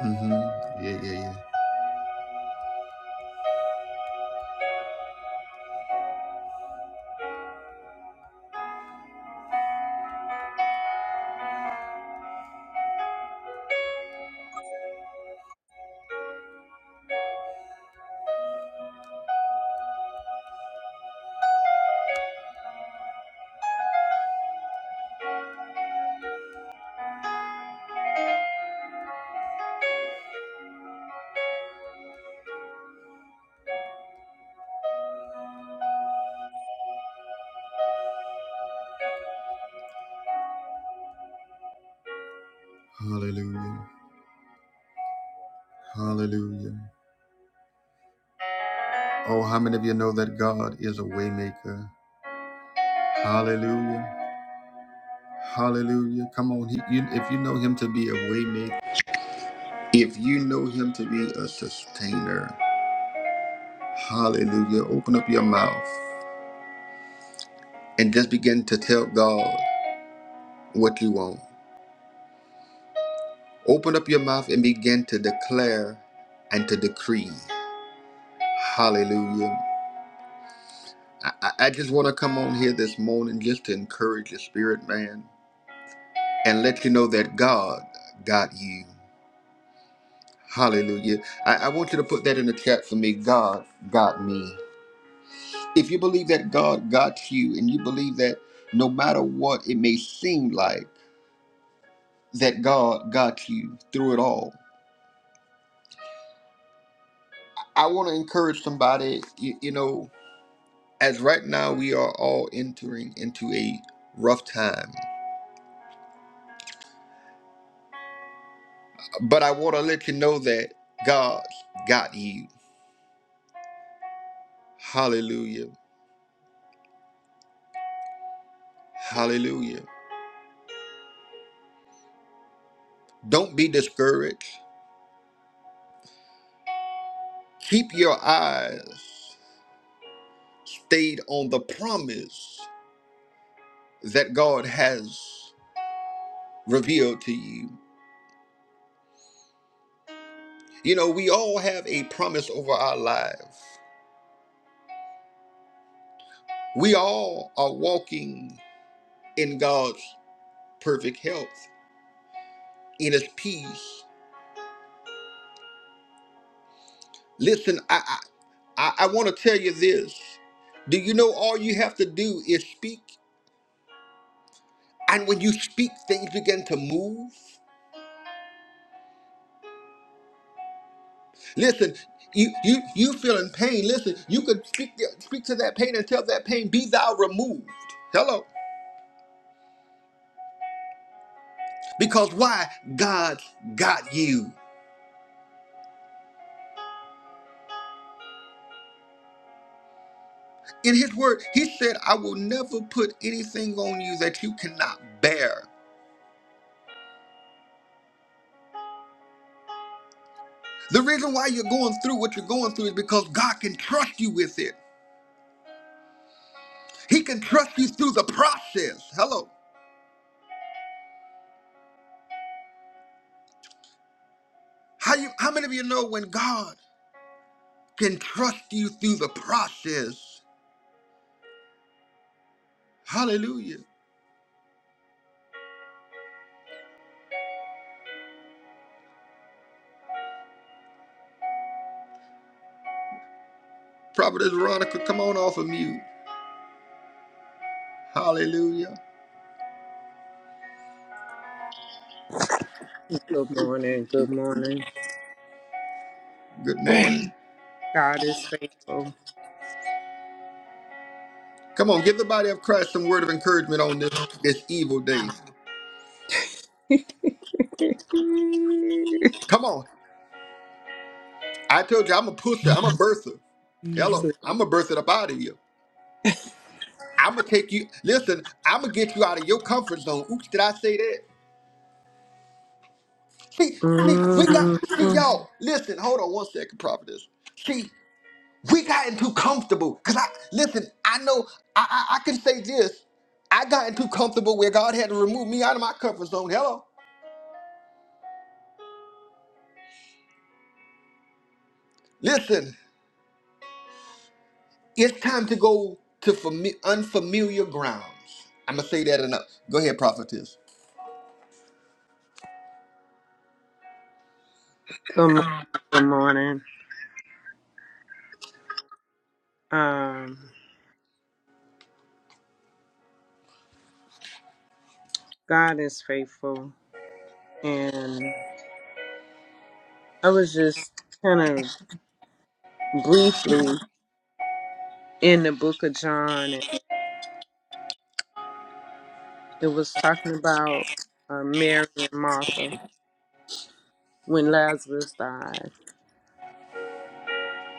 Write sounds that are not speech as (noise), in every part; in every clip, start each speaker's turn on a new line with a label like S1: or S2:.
S1: hmm Yeah, yeah, yeah. Hallelujah. Hallelujah. Oh, how many of you know that God is a waymaker? Hallelujah. Hallelujah. Come on. He, you, if you know him to be a waymaker, if you know him to be a sustainer, hallelujah. Open up your mouth and just begin to tell God what you want. Open up your mouth and begin to declare and to decree. Hallelujah. I, I I just want to come on here this morning just to encourage your spirit, man, and let you know that God got you. Hallelujah. I, I want you to put that in the chat for me. God got me. If you believe that God got you and you believe that no matter what it may seem like, that God got you through it all, I want to encourage somebody, you, you know, as right now we are all entering into a rough time. But I want to let you know that God's got you. Hallelujah. Hallelujah. Don't be discouraged. Keep your eyes stayed on the promise that God has revealed to you. You know, we all have a promise over our lives. We all are walking in God's perfect health, in His peace. Listen, I I, I want to tell you this. Do you know all you have to do is speak? And when you speak, things begin to move. Listen, you you you feeling pain. Listen, you could speak the- speak to that pain and tell that pain, be thou removed. Hello. Because why? God's got you. In his word, he said, I will never put anything on you that you cannot bear. The reason why you're going through what you're going through is because God can trust you with it. He can trust you through the process. Hello. How you how many of you know when God can trust you through the process? Hallelujah. Prophetess Veronica, come on off of mute. Hallelujah.
S2: Good morning. Good morning.
S1: Good morning.
S2: God is faithful.
S1: Come on, give the body of Christ some word of encouragement on this this evil day. Come on. I told you I'm a pusher. I'm a birther. Hello.
S2: Jesus.
S1: I'm gonna birth it up out of you. I'm gonna take you. Listen, I'm gonna get you out of your comfort zone. Oops, did I say that? See, see, we got
S2: Mm.
S1: see y'all. Listen, hold on one second, prophetess. See, we gotten too comfortable. Cause I listen, I know I, I I can say this. I gotten too comfortable where God had to remove me out of my comfort zone. Hello. Listen, it's time to go to fami- unfamiliar grounds. I'm gonna say that enough. Go ahead, prophetess.
S2: Good morning. Good morning. Um, God is faithful, and I was just kind of briefly in the Book of John, and it was talking about uh, Mary and Martha when Lazarus died.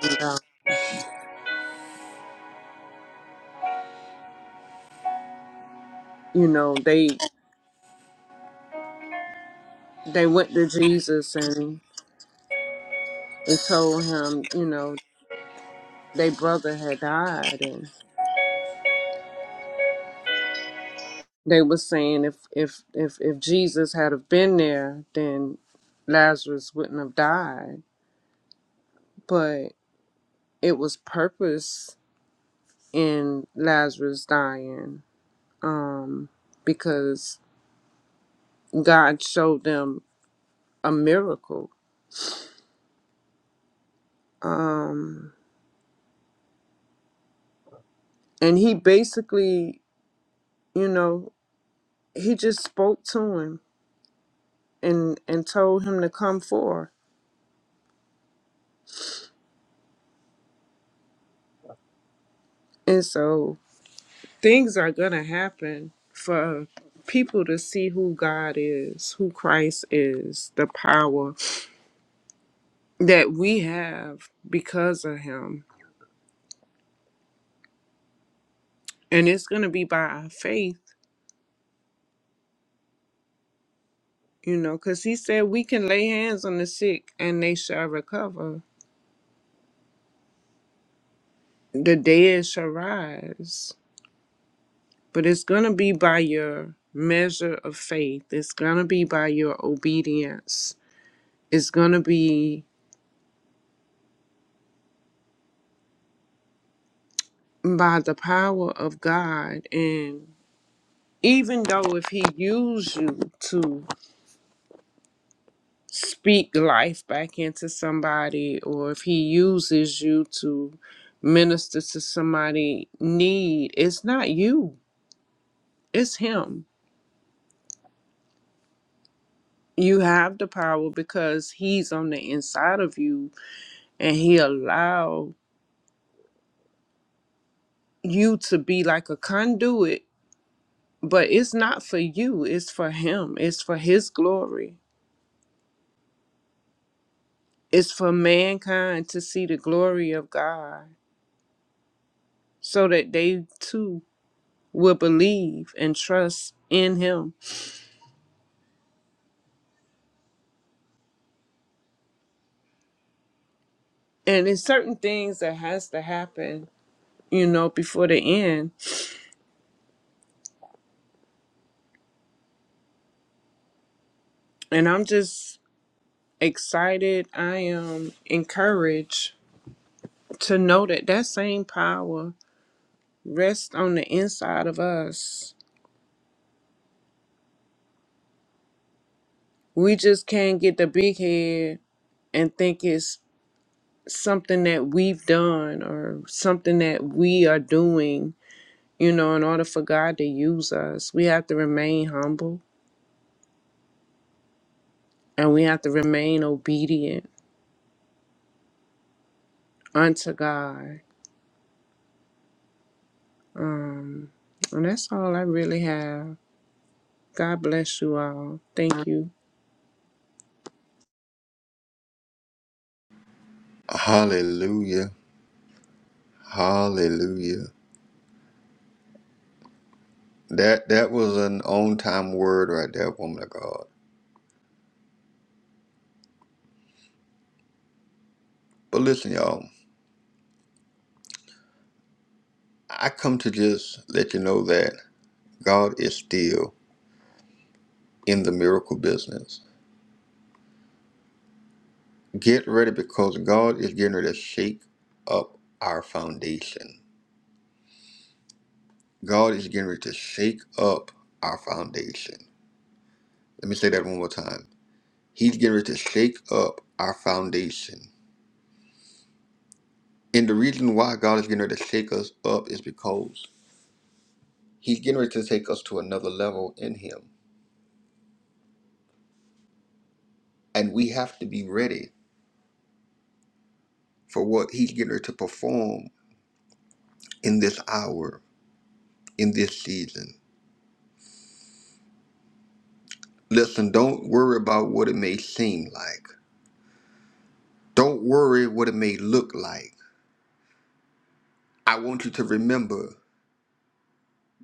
S2: And, uh, you know, they they went to Jesus and and told him, you know, their brother had died, and they were saying if if if if Jesus had have been there, then Lazarus wouldn't have died. But it was purpose in Lazarus dying, um, because God showed them a miracle, um, and He basically, you know, He just spoke to him and and told him to come forth, and so things are going to happen for people to see who God is, who Christ is, the power that we have because of him. And it's going to be by our faith, you know, because he said we can lay hands on the sick and they shall recover, the dead shall rise. But it's going to be by your measure of faith, it's going to be by your obedience, it's going to be by the power of God. And even though if he used you to speak life back into somebody or if he uses you to minister to somebody need it's not you it's him you have the power because he's on the inside of you and he allow you to be like a conduit but it's not for you it's for him it's for his glory it's for mankind to see the glory of god so that they too will believe and trust in him and it's certain things that has to happen you know before the end and i'm just excited i am encouraged to know that that same power rests on the inside of us we just can't get the big head and think it's something that we've done or something that we are doing you know in order for god to use us we have to remain humble and we have to remain obedient unto God. And that's all I really have. God bless you all. Thank you.
S1: Hallelujah. Hallelujah. That that was an on time word right there, woman of God. But listen, y'all, I come to just let you know that God is still in the miracle business. Get ready because God is getting ready to shake up our foundation. God is getting ready to shake up our foundation. Let me say that one more time. He's getting ready to shake up our foundation. And the reason why God is getting ready to shake us up is because He's getting ready to take us to another level in Him. And we have to be ready for what He's getting ready to perform in this hour, in this season. Listen, don't worry about what it may seem like. Don't worry what it may look like. I want you to remember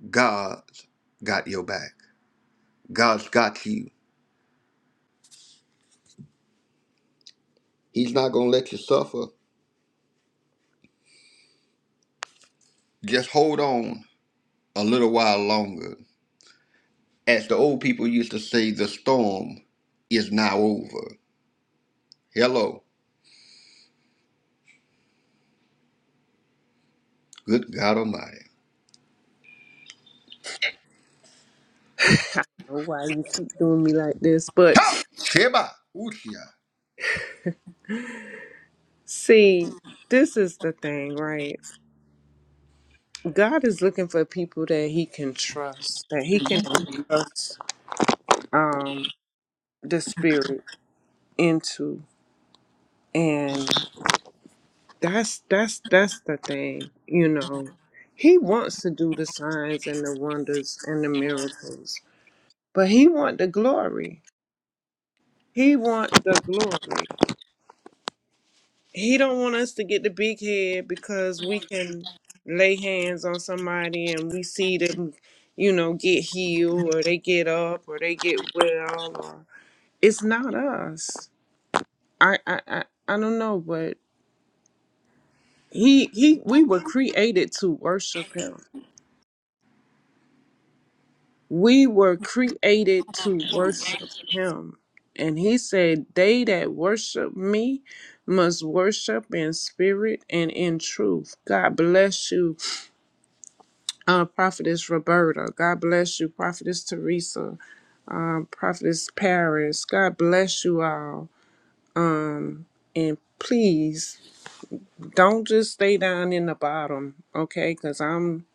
S1: God's got your back. God's got you. He's not going to let you suffer. Just hold on a little while longer. As the old people used to say, the storm is now over. Hello. Good God Almighty.
S2: I don't know why you keep doing me like this, but
S1: Ha! Sheba! Ushia.
S2: see, this is the thing, right? God is looking for people that He can trust, that He can trust um, the Spirit into, and that's that's that's the thing, you know. He wants to do the signs and the wonders and the miracles But he want the glory. He want the glory. He don't want us to get the big head because we can lay hands on somebody and we see them, you know, get healed or they get up or they get well. Or it's not us. I I I, I don't know, but he he we were created to worship him. We were created to worship him. And he said, They that worship me must worship in spirit and in truth. God bless you, uh, Prophetess Roberta. God bless you, Prophetess Teresa, um, Prophetess Paris. God bless you all. And please don't just stay down in the bottom, okay? Because I'm.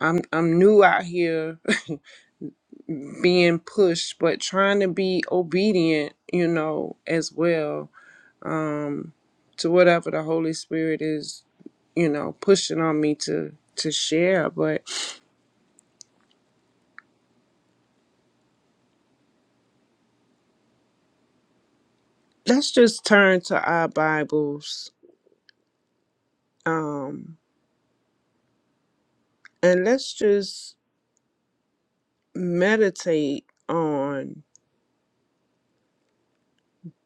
S2: I'm I'm new out here (laughs) being pushed, but trying to be obedient, you know, as well to whatever the Holy Spirit is, you know, pushing on me to to share. But let's just turn to our Bibles um, and let's just meditate on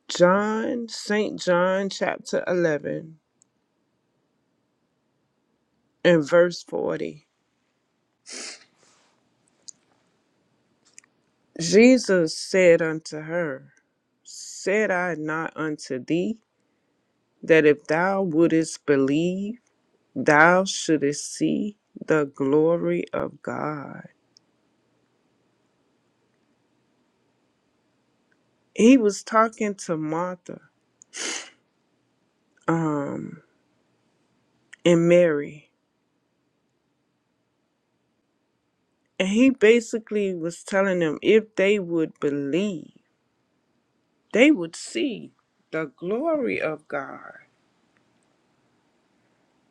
S2: John, St. John, chapter 11, and verse 40. Jesus said unto her, Said I not unto thee, that if thou wouldest believe, thou shouldest see the glory of God? he was talking to Martha um, and Mary, and he basically was telling them if they would believe, they would see the glory of God.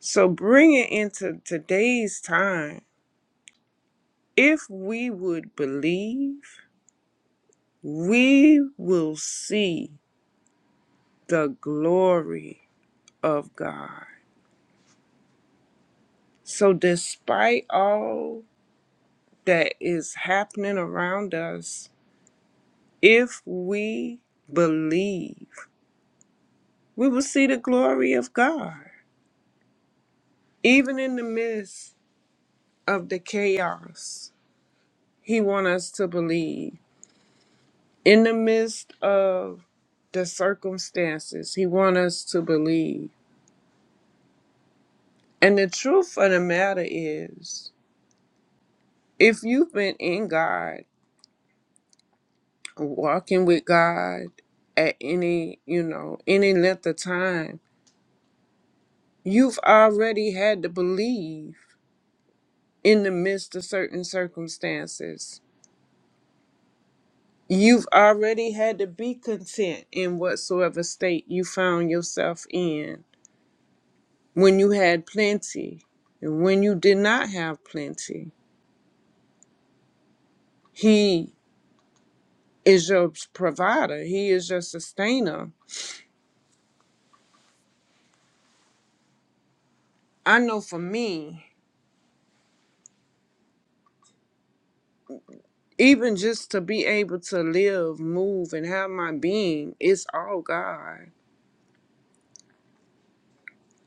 S2: So bring it into today's time. If we would believe, we will see the glory of God. So despite all that is happening around us, If we believe, we will see the glory of God. Even in the midst of the chaos, He wants us to believe. In the midst of the circumstances, He wants us to believe. And the truth of the matter is, if you've been in God, walking with God at any, you know, any length of time, you've already had to believe in the midst of certain circumstances. You've already had to be content in whatsoever state you found yourself in when you had plenty and when you did not have plenty. He is your provider, He is your sustainer. I know for me, even just to be able to live, move, and have my being, it's all God.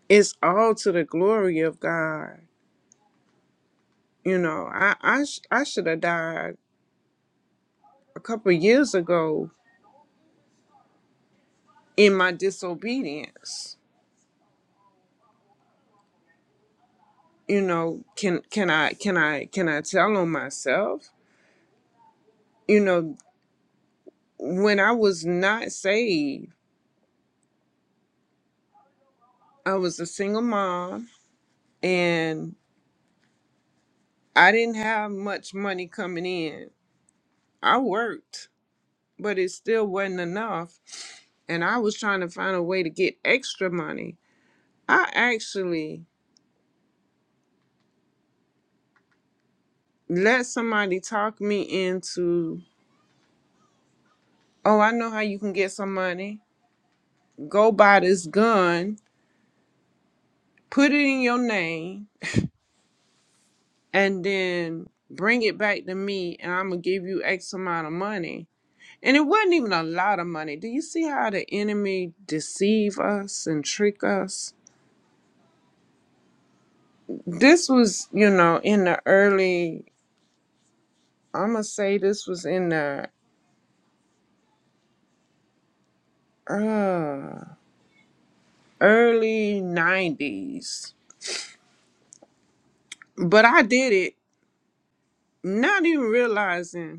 S2: It's all to the glory of God. You know, I I, sh- I should have died a couple years ago in my disobedience you know can can i can i can i tell on myself you know when i was not saved i was a single mom and i didn't have much money coming in i worked but it still wasn't enough and i was trying to find a way to get extra money i actually let somebody talk me into oh i know how you can get some money go buy this gun, put it in your name, and then bring it back to me, and I'm gonna give you X amount of money. And it wasn't even a lot of money. Do you see how the enemy deceive us and trick us? This was, you know, in the early. I'm gonna say this was in the uh, early '90s, but I did it not even realizing.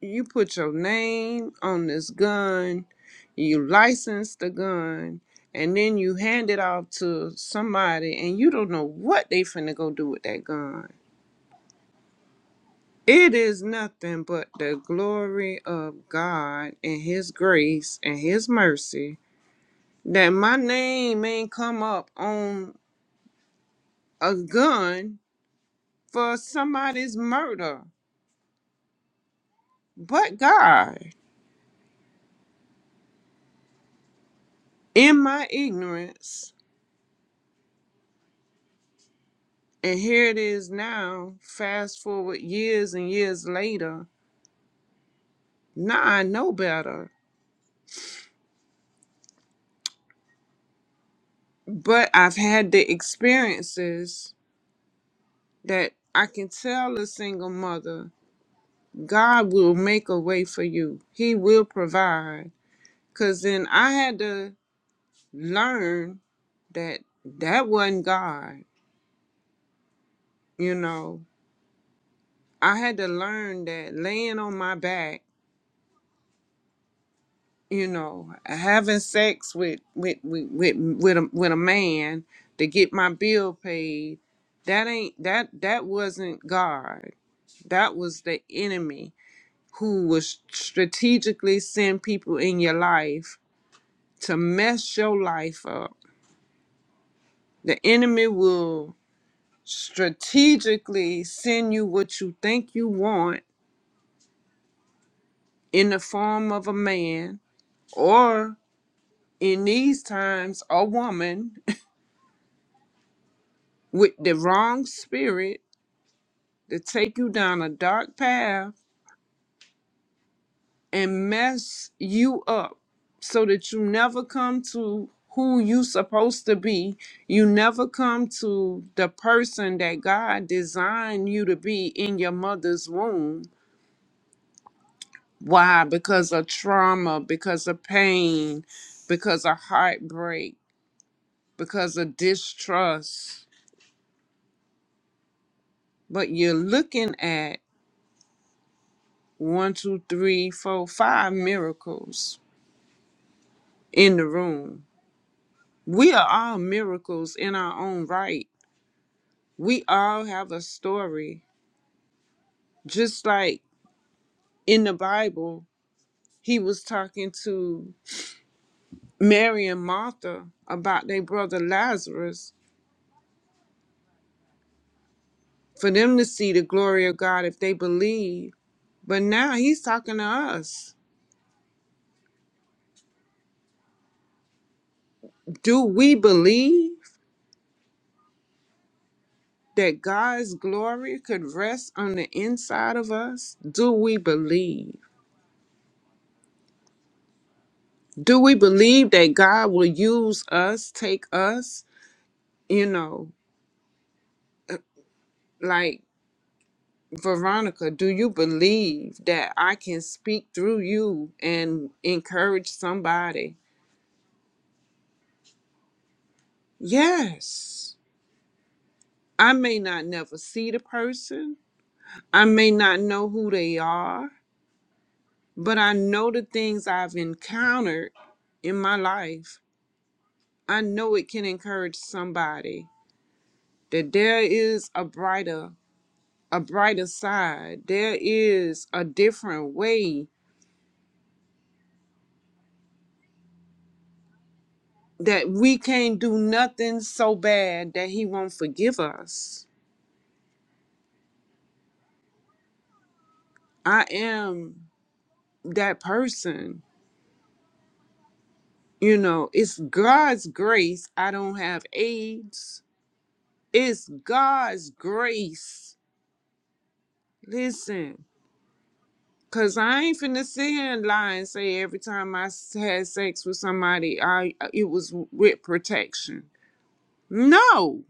S2: you put your name on this gun, you license the gun, and then you hand it off to somebody and you don't know what they finna go do with that gun. It is nothing but the glory of God and his grace and his mercy that my name ain't come up on a gun for somebody's murder. But God, in my ignorance, And here it is now, fast forward years and years later. Now I know better, but I've had the experiences that I can tell a single mother God will make a way for you, He will provide. Because then I had to learn that that wasn't God, you know. I had to learn that laying on my back you know having sex with with with with, with, a, with a man to get my bill paid that ain't that that wasn't god that was the enemy who was strategically send people in your life to mess your life up the enemy will strategically send you what you think you want in the form of a man or in these times a woman with the wrong spirit to take you down a dark path and mess you up so that you never come to who you supposed to be you never come to the person that god designed you to be in your mother's womb why because of trauma because of pain because of heartbreak because of distrust but you're looking at one two three four five miracles in the room. We are all miracles in our own right. We all have a story. Just like in the Bible, he was talking to Mary and Martha about their brother Lazarus for them to see the glory of God if they believe. But now he's talking to us. Do we believe that God's glory could rest on the inside of us? Do we believe? Do we believe that God will use us, take us? You know, like Veronica, do you believe that I can speak through you and encourage somebody? Yes. I may not never see the person, I may not know who they are, but I know the things I've encountered in my life. I know it can encourage somebody that there is a brighter a brighter side. There is a different way that we can't do nothing so bad that he won't forgive us. I am that person. You know, it's God's grace. I don't have AIDS. It's God's grace. Listen, because I ain't finna sit here and lie and say every time I s- had sex with somebody, I it was with protection. No,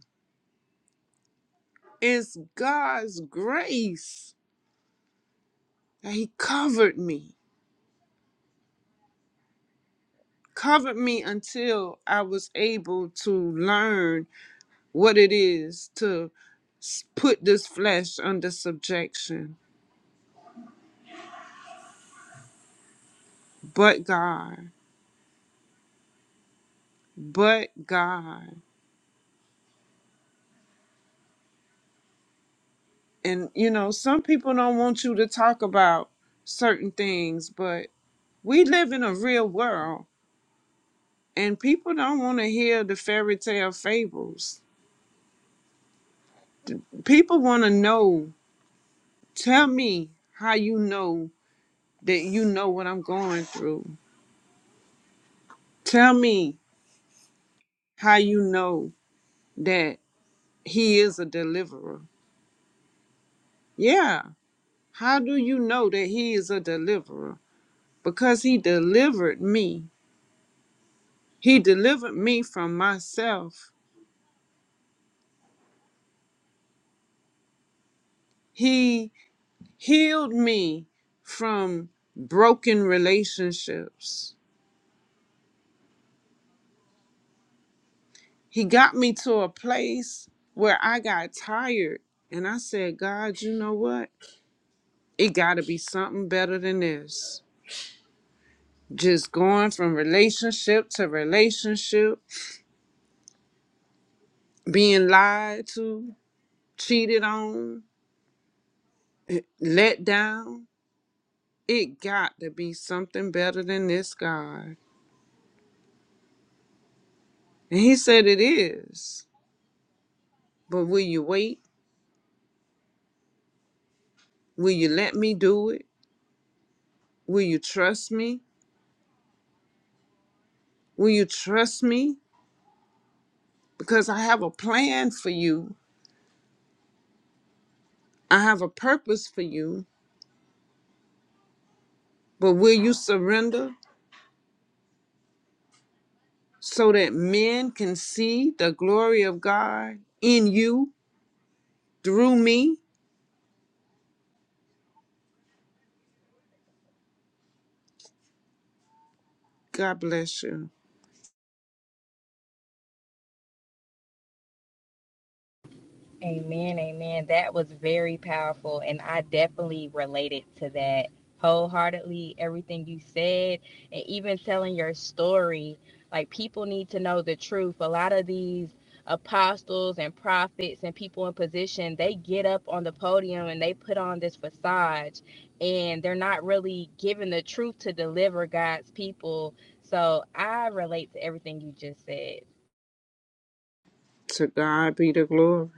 S2: It's God's grace that He covered me, covered me until I was able to learn what it is to s- put this flesh under subjection. But God, but God. And you know, some people don't want you to talk about certain things, but we live in a real world and people don't want to hear the fairy tale fables people want to know Tell me how you know that you know what I'm going through. Tell me how you know that he is a deliverer. Yeah. How do you know that he is a deliverer? Because he delivered me. He delivered me from myself. He healed me from broken relationships. He got me to a place where I got tired and I said, God, you know what? It got to be something better than this. Just going from relationship to relationship, being lied to, cheated on, let down. It got to be something better than this, God. And He said it is. But will you wait? Will you let me do it? Will you trust me? Will you trust me? Because I have a plan for you, I have a purpose for you. But will you surrender? so that men can see the glory of God in you through me. God bless you.
S3: Amen, amen. That was very powerful, and I definitely related to that wholeheartedly. Everything you said, and even telling your story, like people need to know the truth. A lot of these apostles and prophets and people in position, they get up on the podium and they put on this facade, and they're not really giving the truth to deliver God's people. So I relate to everything you just said.
S2: To God be the glory.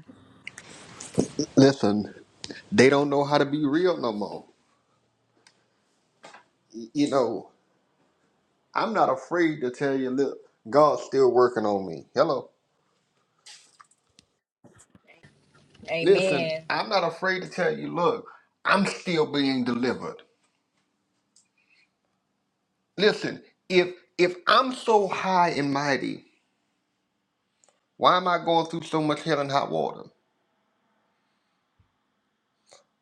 S1: Listen, they don't know how to be real no more. You know, I'm not afraid to tell you, look, God's still working on me. Hello. Listen,
S3: Amen.
S1: I'm not afraid to tell you, look, I'm still being delivered. Listen, if if I'm so high and mighty, why am I going through so much hell and hot water?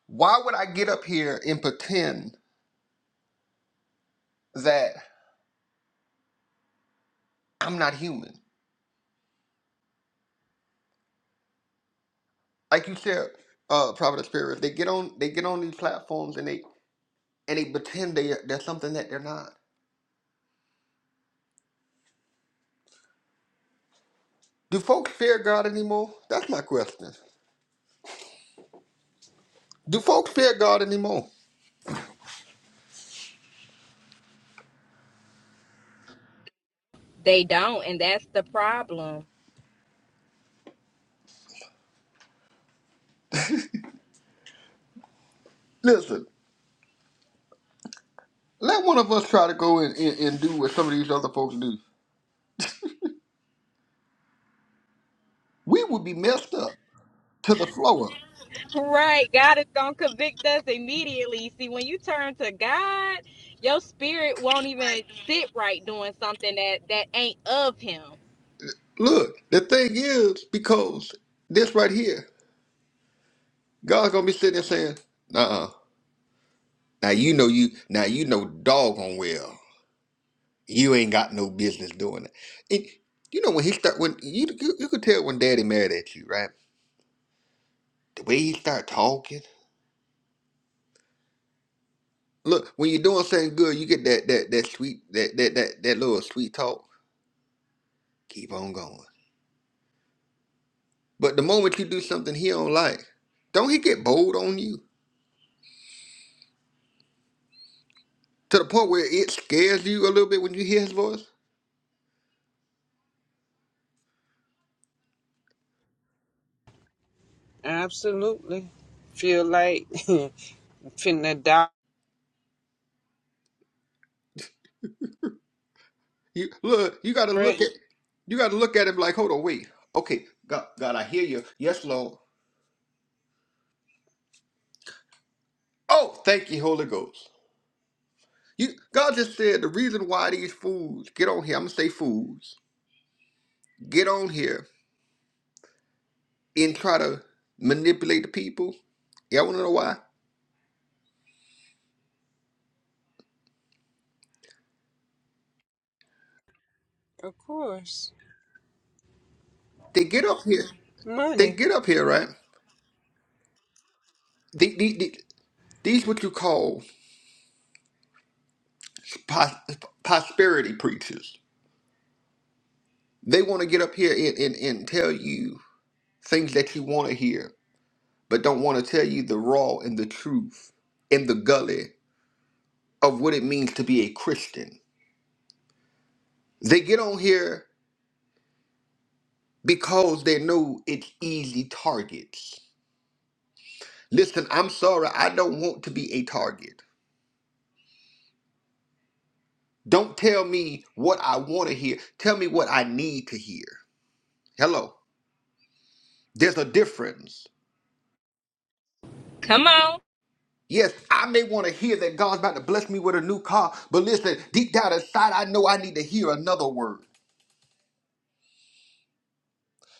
S1: Why would I get up here and pretend that I'm not human? Like you said, uh Prophet Spirit, they get on they get on these platforms and they and they pretend they they're something that they're not. Do folks fear God anymore? That's my question. Do folks fear God anymore?
S3: They don't, and that's the problem
S1: Listen. Let one of us try to go and, and, and do what some of these other folks do. We would be messed up to the floor.
S3: Right. God is going to convict us immediately. See, when you turn to God, your spirit won't even sit right doing something that that ain't of him.
S1: Look, the thing is, because this right here, God's gonna be sitting there saying, uh-uh. Now you know you now you know doggone well. You ain't got no business doing it. And you know when he start when you you, you could tell when daddy mad at you, right? The way he start talking. Look, when you're doing something good, you get that that that sweet that that that, that little sweet talk. Keep on going But the moment you do something he don't like, don't he get bold on you to the point where it scares you a little bit when you hear his voice?
S2: Absolutely. Feel like (laughs) finna die.
S1: You look, you gotta look
S2: right?
S1: at, you gotta look at him like, hold on, wait, okay, God, God, I hear you. Yes, Lord. Oh, thank you, Holy Ghost. You, God just said the reason why these fools get on here. I'm gonna say fools get on here and try to manipulate the people. Y'all wanna know why?
S2: Of course.
S1: They get up here. They
S2: Money.
S1: get up here, right? The- the- the- these what you call pos- prosperity preachers. They want to get up here and, and, and tell you things that you want to hear, but don't want to tell you the raw and the truth and the gully of what it means to be a Christian. They get on here because they know it's easy targets. Listen, I'm sorry, I don't want to be a target. Don't tell me what I want to hear. Tell me what I need to hear. Hello. There's a difference.
S3: Come on.
S1: Yes, I may want to hear that God's about to bless me with a new car, but listen, deep down inside, I know I need to hear another word.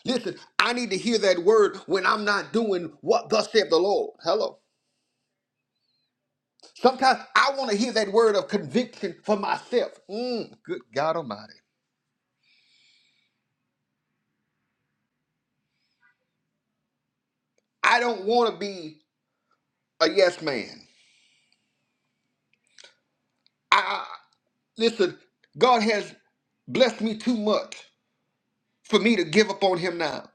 S1: Listen, I need to hear that word when I'm not doing what thus saith the Lord. Hello. Sometimes I want to hear that word of conviction for myself. Mm, good God Almighty. I don't want to be a yes man. I, I listen. God has blessed me too much for me to give up on Him now.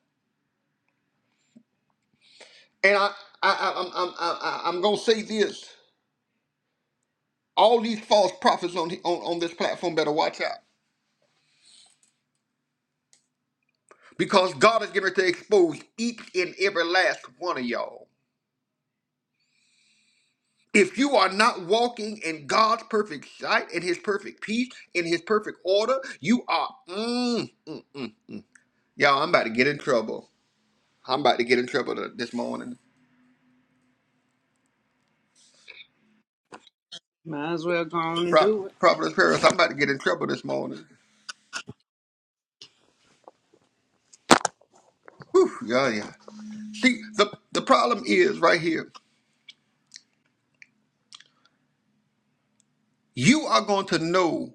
S1: And I, I, I I'm, I'm, I, I- I'm gonna say this. All these false prophets on, on, on this platform better watch out. Because God is getting ready to expose each and every last one of y'all. If you are not walking in God's perfect sight, in His perfect peace, in His perfect order, you are. Mm, mm. Y'all, I'm about to get in trouble. I'm about to get in trouble th- this morning.
S2: Might as well go on and
S1: Pro-
S2: do it.
S1: Prophetess Paris, I'm about to get in trouble this morning. Whew, yeah, yeah. See, the, the problem is right here. You are going to know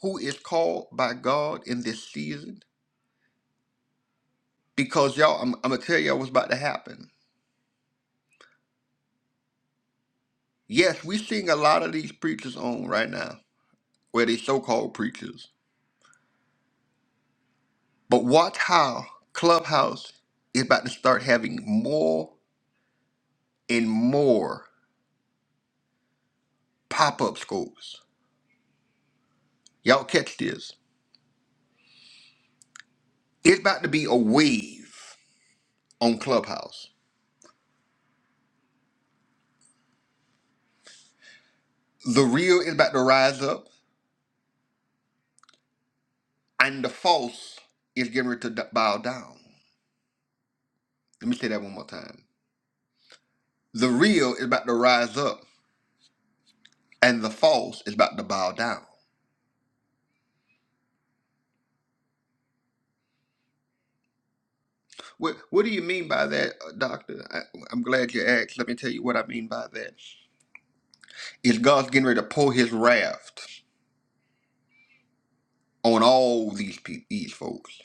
S1: who is called by God in this season Because y'all, I'm, I'm gonna tell y'all what's about to happen. Yes, we seeing a lot of these preachers on right now, where they so-called preachers. But watch how Clubhouse is about to start having more and more pop-up schools. Y'all catch this. It's about to be a wave on Clubhouse. The real is about to rise up, and the false is getting ready to d- bow down. Let me say that one more time. The real is about to rise up, and the false is about to bow down. What What do you mean by that, uh, Doctor? I, I'm glad you asked. Let me tell you what I mean by that. Is God's getting ready to pour His wrath on all these people, these folks?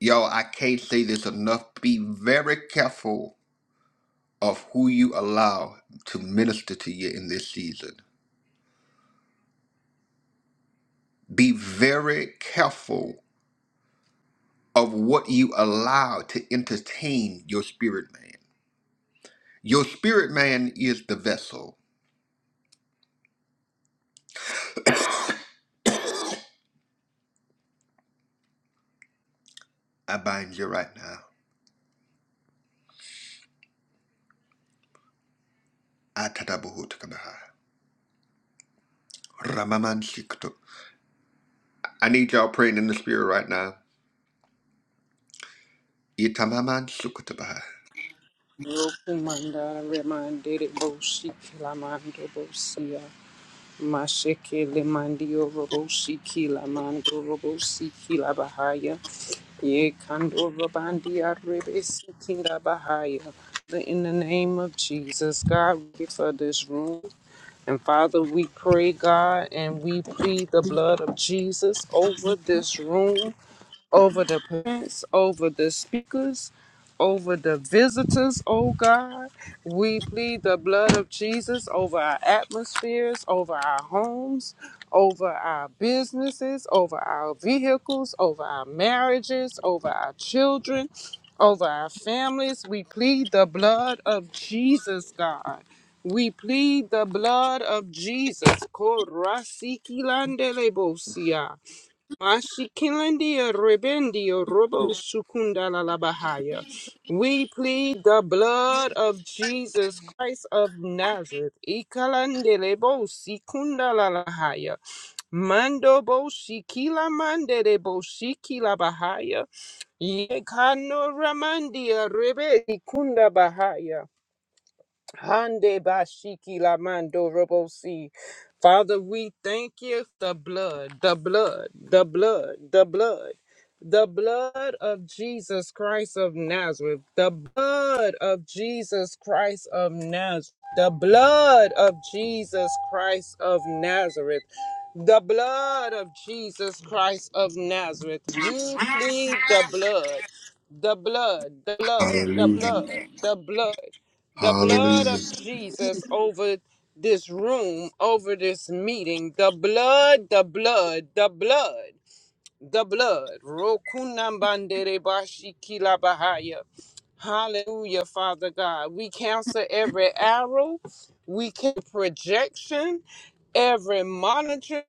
S1: Y'all, I can't say this enough. Be very careful of who you allow to minister to you in this season. Be very careful of what you allow to entertain your spirit man. Your spirit man is the vessel. I bind you right now. Atatabuhutakabah. Ramaman Shikutu. I need y'all praying in the spirit right now. Itamaman Sukutabai.
S2: Roku mandara remandere boshi kilamando bosia. Masheke le mandio robo shiki la mando robo shiki la bahaya. Ye kando robandi arebe shiki la bahaya. Father, In the name of Jesus, God, we pray for this room. And Father, we pray, God, and we plead the blood of Jesus over this room over the parents, over the speakers, over the visitors, oh God. We plead the blood of Jesus over our atmospheres, over our homes, over our businesses, over our vehicles, over our marriages, over our children, over our families. We plead the blood of Jesus, God. We plead the blood of Jesus. Korasikilandelebusia. Mashikilandia rebendio robo sukundala la bahaya. We plead the blood of Jesus Christ of Nazareth. Ikalandele bo sikundala la bahaya. Mando bo shikila mandele bo shikila bahaya. Yekano ramandia rebe ikunda bahaya. Hande bashiki la mando robosi. Father, we thank you. The blood, the blood, the blood, the blood, the blood of Jesus Christ of Nazareth, the blood of Jesus Christ of Nazareth, the blood of Jesus Christ of Nazareth. The blood of Jesus Christ of Nazareth. We plead the blood, the blood, the blood, the
S1: Hallelujah.
S2: blood, the blood the blood
S1: Hallelujah.
S2: of Jesus over this room, over this meeting. The blood, the blood, the blood, the blood. Rokunambandere bashikila bahaya. Hallelujah, Father God. We cancel every arrow, we cancel projection, every monitor.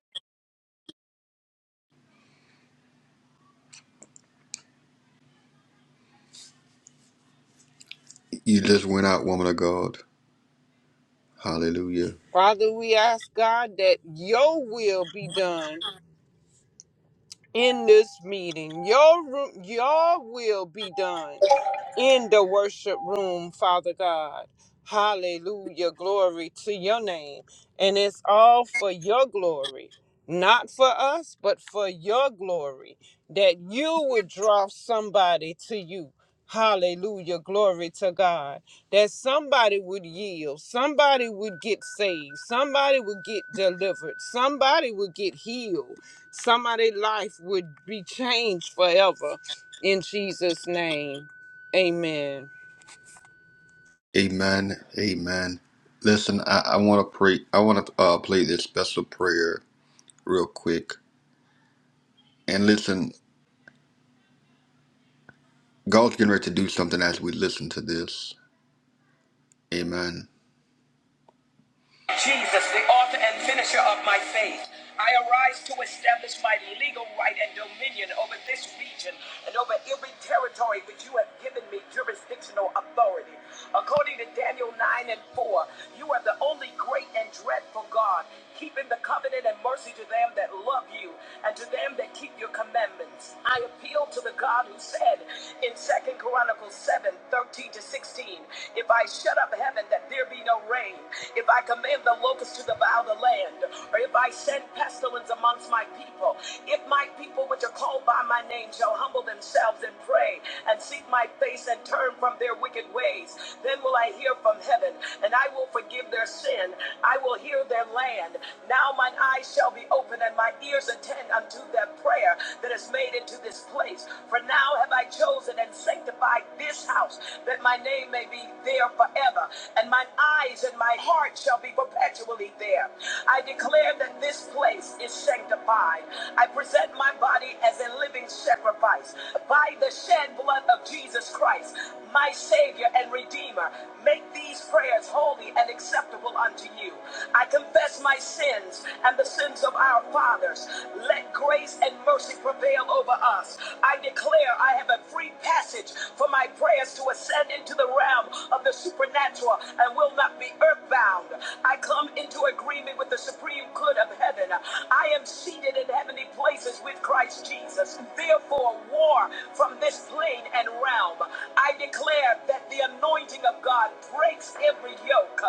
S1: You just went out, woman of God. Hallelujah.
S2: Father, we ask God that your will be done in this meeting. Your ru- your will be done in the worship room, Father God. Hallelujah. Glory to your name. And it's all for your glory, not for us, but for your glory, that you would draw somebody to you. Hallelujah. Glory to God. That somebody would yield, somebody would get saved, somebody would get delivered, somebody would get healed, somebody's life would be changed forever in Jesus' name. Amen.
S1: Amen. Amen. Listen, I, I want to pray. I want to uh, play this special prayer real quick. And listen, God's getting ready to do something as we listen to this. Amen. Jesus, the author and finisher of my faith. I arise to establish my legal right and dominion over this region and over every territory which you have given me jurisdictional authority. According to Daniel 9 and 4, you are the only great and dreadful God, keeping the covenant and mercy to them that love you and to them that keep your commandments. I appeal to the God who said in Second Chronicles 7 13 to 16, If I shut up heaven that there be no rain, if I command the locusts to devour the land, or if I send pestilence amongst my people, if my people which are called by my name shall humble themselves and pray and seek my face and turn from their wicked ways, then will I hear from heaven and I will forgive their sin. I will heal their land. Now mine eyes shall be open and my ears ears attend unto their prayer that is made into this place. For now have I chosen and sanctified this house, that my name may be there forever, and mine eyes and my heart shall be perpetually there. I declare that this place is sanctified. I present my body as a living sacrifice by the shed blood of Jesus Christ, my Savior and Redeemer. Make these prayers holy and acceptable unto you. I confess my sins sins and the sins of our fathers. Let grace and mercy prevail over us. I declare I have a free passage for my prayers to ascend into the realm of the supernatural and will not be earthbound. I come into agreement with the supreme good of heaven. I am seated in heavenly places with Christ Jesus. Therefore, war from this plane and realm. I declare that the anointing of God breaks every yoke.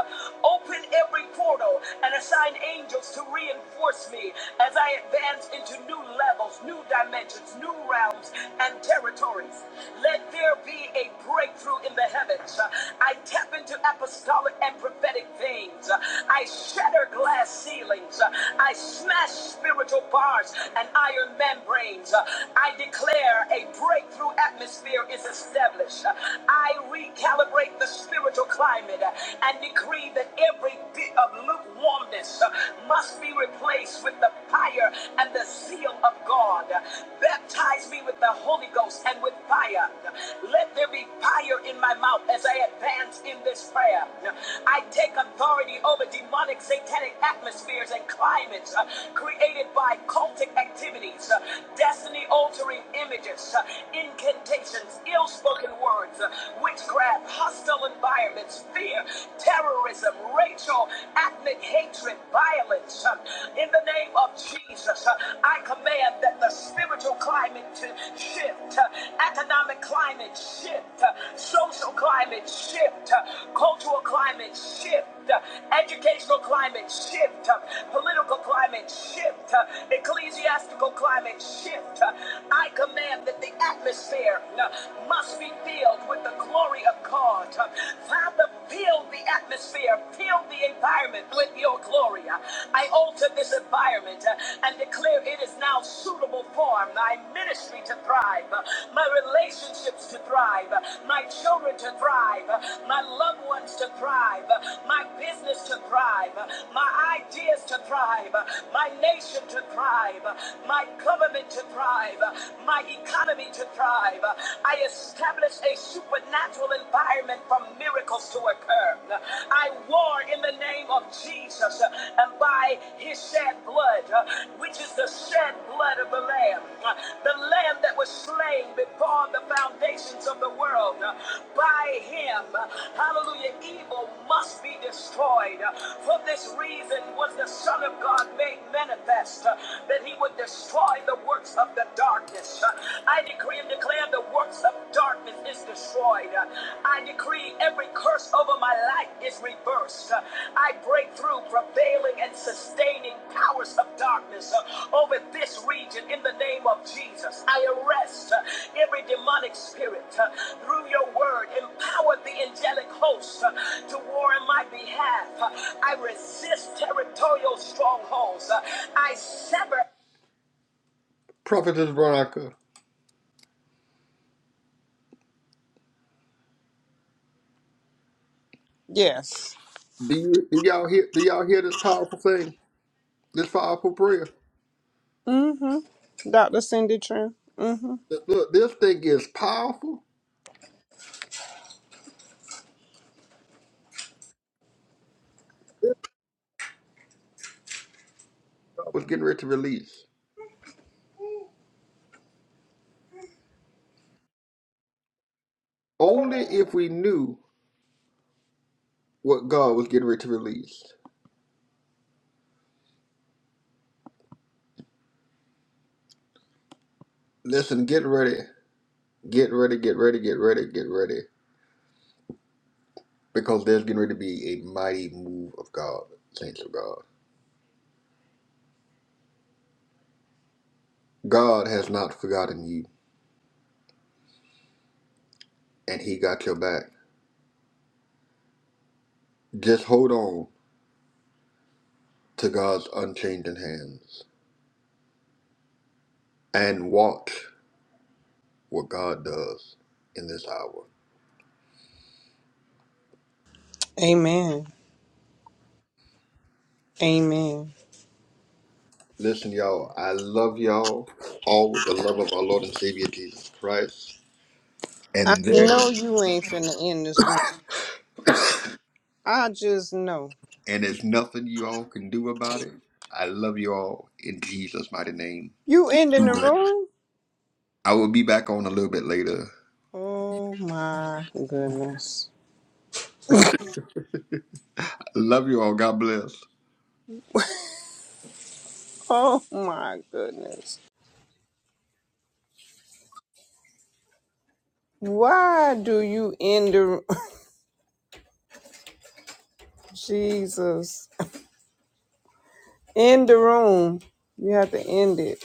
S1: Open every portal and assign angels to reinforce me as I advance into new levels, new dimensions, new realms, and territories. Let there be a breakthrough in the heavens. I tap into apostolic and prophetic veins. I shatter glass ceilings. I smash spiritual bars and iron membranes. I declare a breakthrough atmosphere is established. I recalibrate the spiritual climate and decree that every bit of lukewarmness uh, must be replaced with the fire and the seal of God. Baptize me with the Holy Ghost and with fire. Let there be fire in my mouth as I advance in this prayer. I take authority over demonic satanic atmospheres and climates uh, created by cultic activities, uh, destiny altering images, uh, incantations, ill spoken words, uh, witchcraft, hostile environments, fear, terrorism, racial, ethnic hatred, violence. Uh, In the name of Jesus, uh, I command that the spiritual climate to shift, uh, economic climate shift, uh, social climate shift, uh, cultural climate shift, uh, educational climate shift, uh, political climate shift shift, uh, ecclesiastical climate shift. Uh, I command that the atmosphere uh, must be filled with the glory of God. Uh, Father, fill the atmosphere, fill the environment with your glory. Uh, I alter this environment uh, and declare it is it is now suitable for my ministry to thrive, my relationships to thrive, my children to thrive, my loved ones to thrive, my business to thrive, my ideas to thrive, my nation to thrive, my government to thrive, my economy to thrive. I establish a supernatural environment for miracles to occur. I war Father, in the name of Jesus, uh, and by his shed blood, uh, which is the shed blood of the Lamb, uh, the Lamb that was slain before the foundations of the world, uh, by him, uh, hallelujah, evil must be destroyed. Uh, For this reason was the Son of God made manifest, uh, that he would destroy the works of the darkness. Uh, I decree and declare the works of darkness darkness is destroyed. I decree every curse over my life is reversed. I break through prevailing and sustaining powers of darkness uh, over this region in the name of Jesus. I arrest uh, every demonic spirit uh, through your word. Empower the angelic host uh, to war in my behalf. Uh, I resist territorial strongholds. Uh, I sever. Prophet Veronica,
S2: Yes.
S1: do you do y'all hear do y'all hear this powerful thing? This powerful prayer.
S2: Mm-hmm. Dr. Cindy Trim. Mm-hmm.
S1: Look, look, this thing is powerful. God was getting ready to release. Only if we knew what God was getting ready to release. Listen, get ready, get ready, get ready, get ready, get ready, because there's getting ready to be a mighty move of God, saints of God. God has not forgotten you, and He got your back. Just hold on to God's unchanging hands and watch what God does in this hour.
S2: Amen. Amen.
S1: Listen, y'all, I love y'all all with the love of our Lord and Savior Jesus Christ.
S2: I
S1: And there
S2: know you ain't finna end this room. I just know.
S1: and there's nothing you all can do about it. I love you all in Jesus' mighty name.
S2: You ending
S1: Be
S2: the
S1: blessed.
S2: room?
S1: I will be back on a little bit later.
S2: Oh my goodness.
S1: Love you all. God bless.
S2: Oh my goodness. Why do you end the (laughs) Jesus? End the room. You have to end it.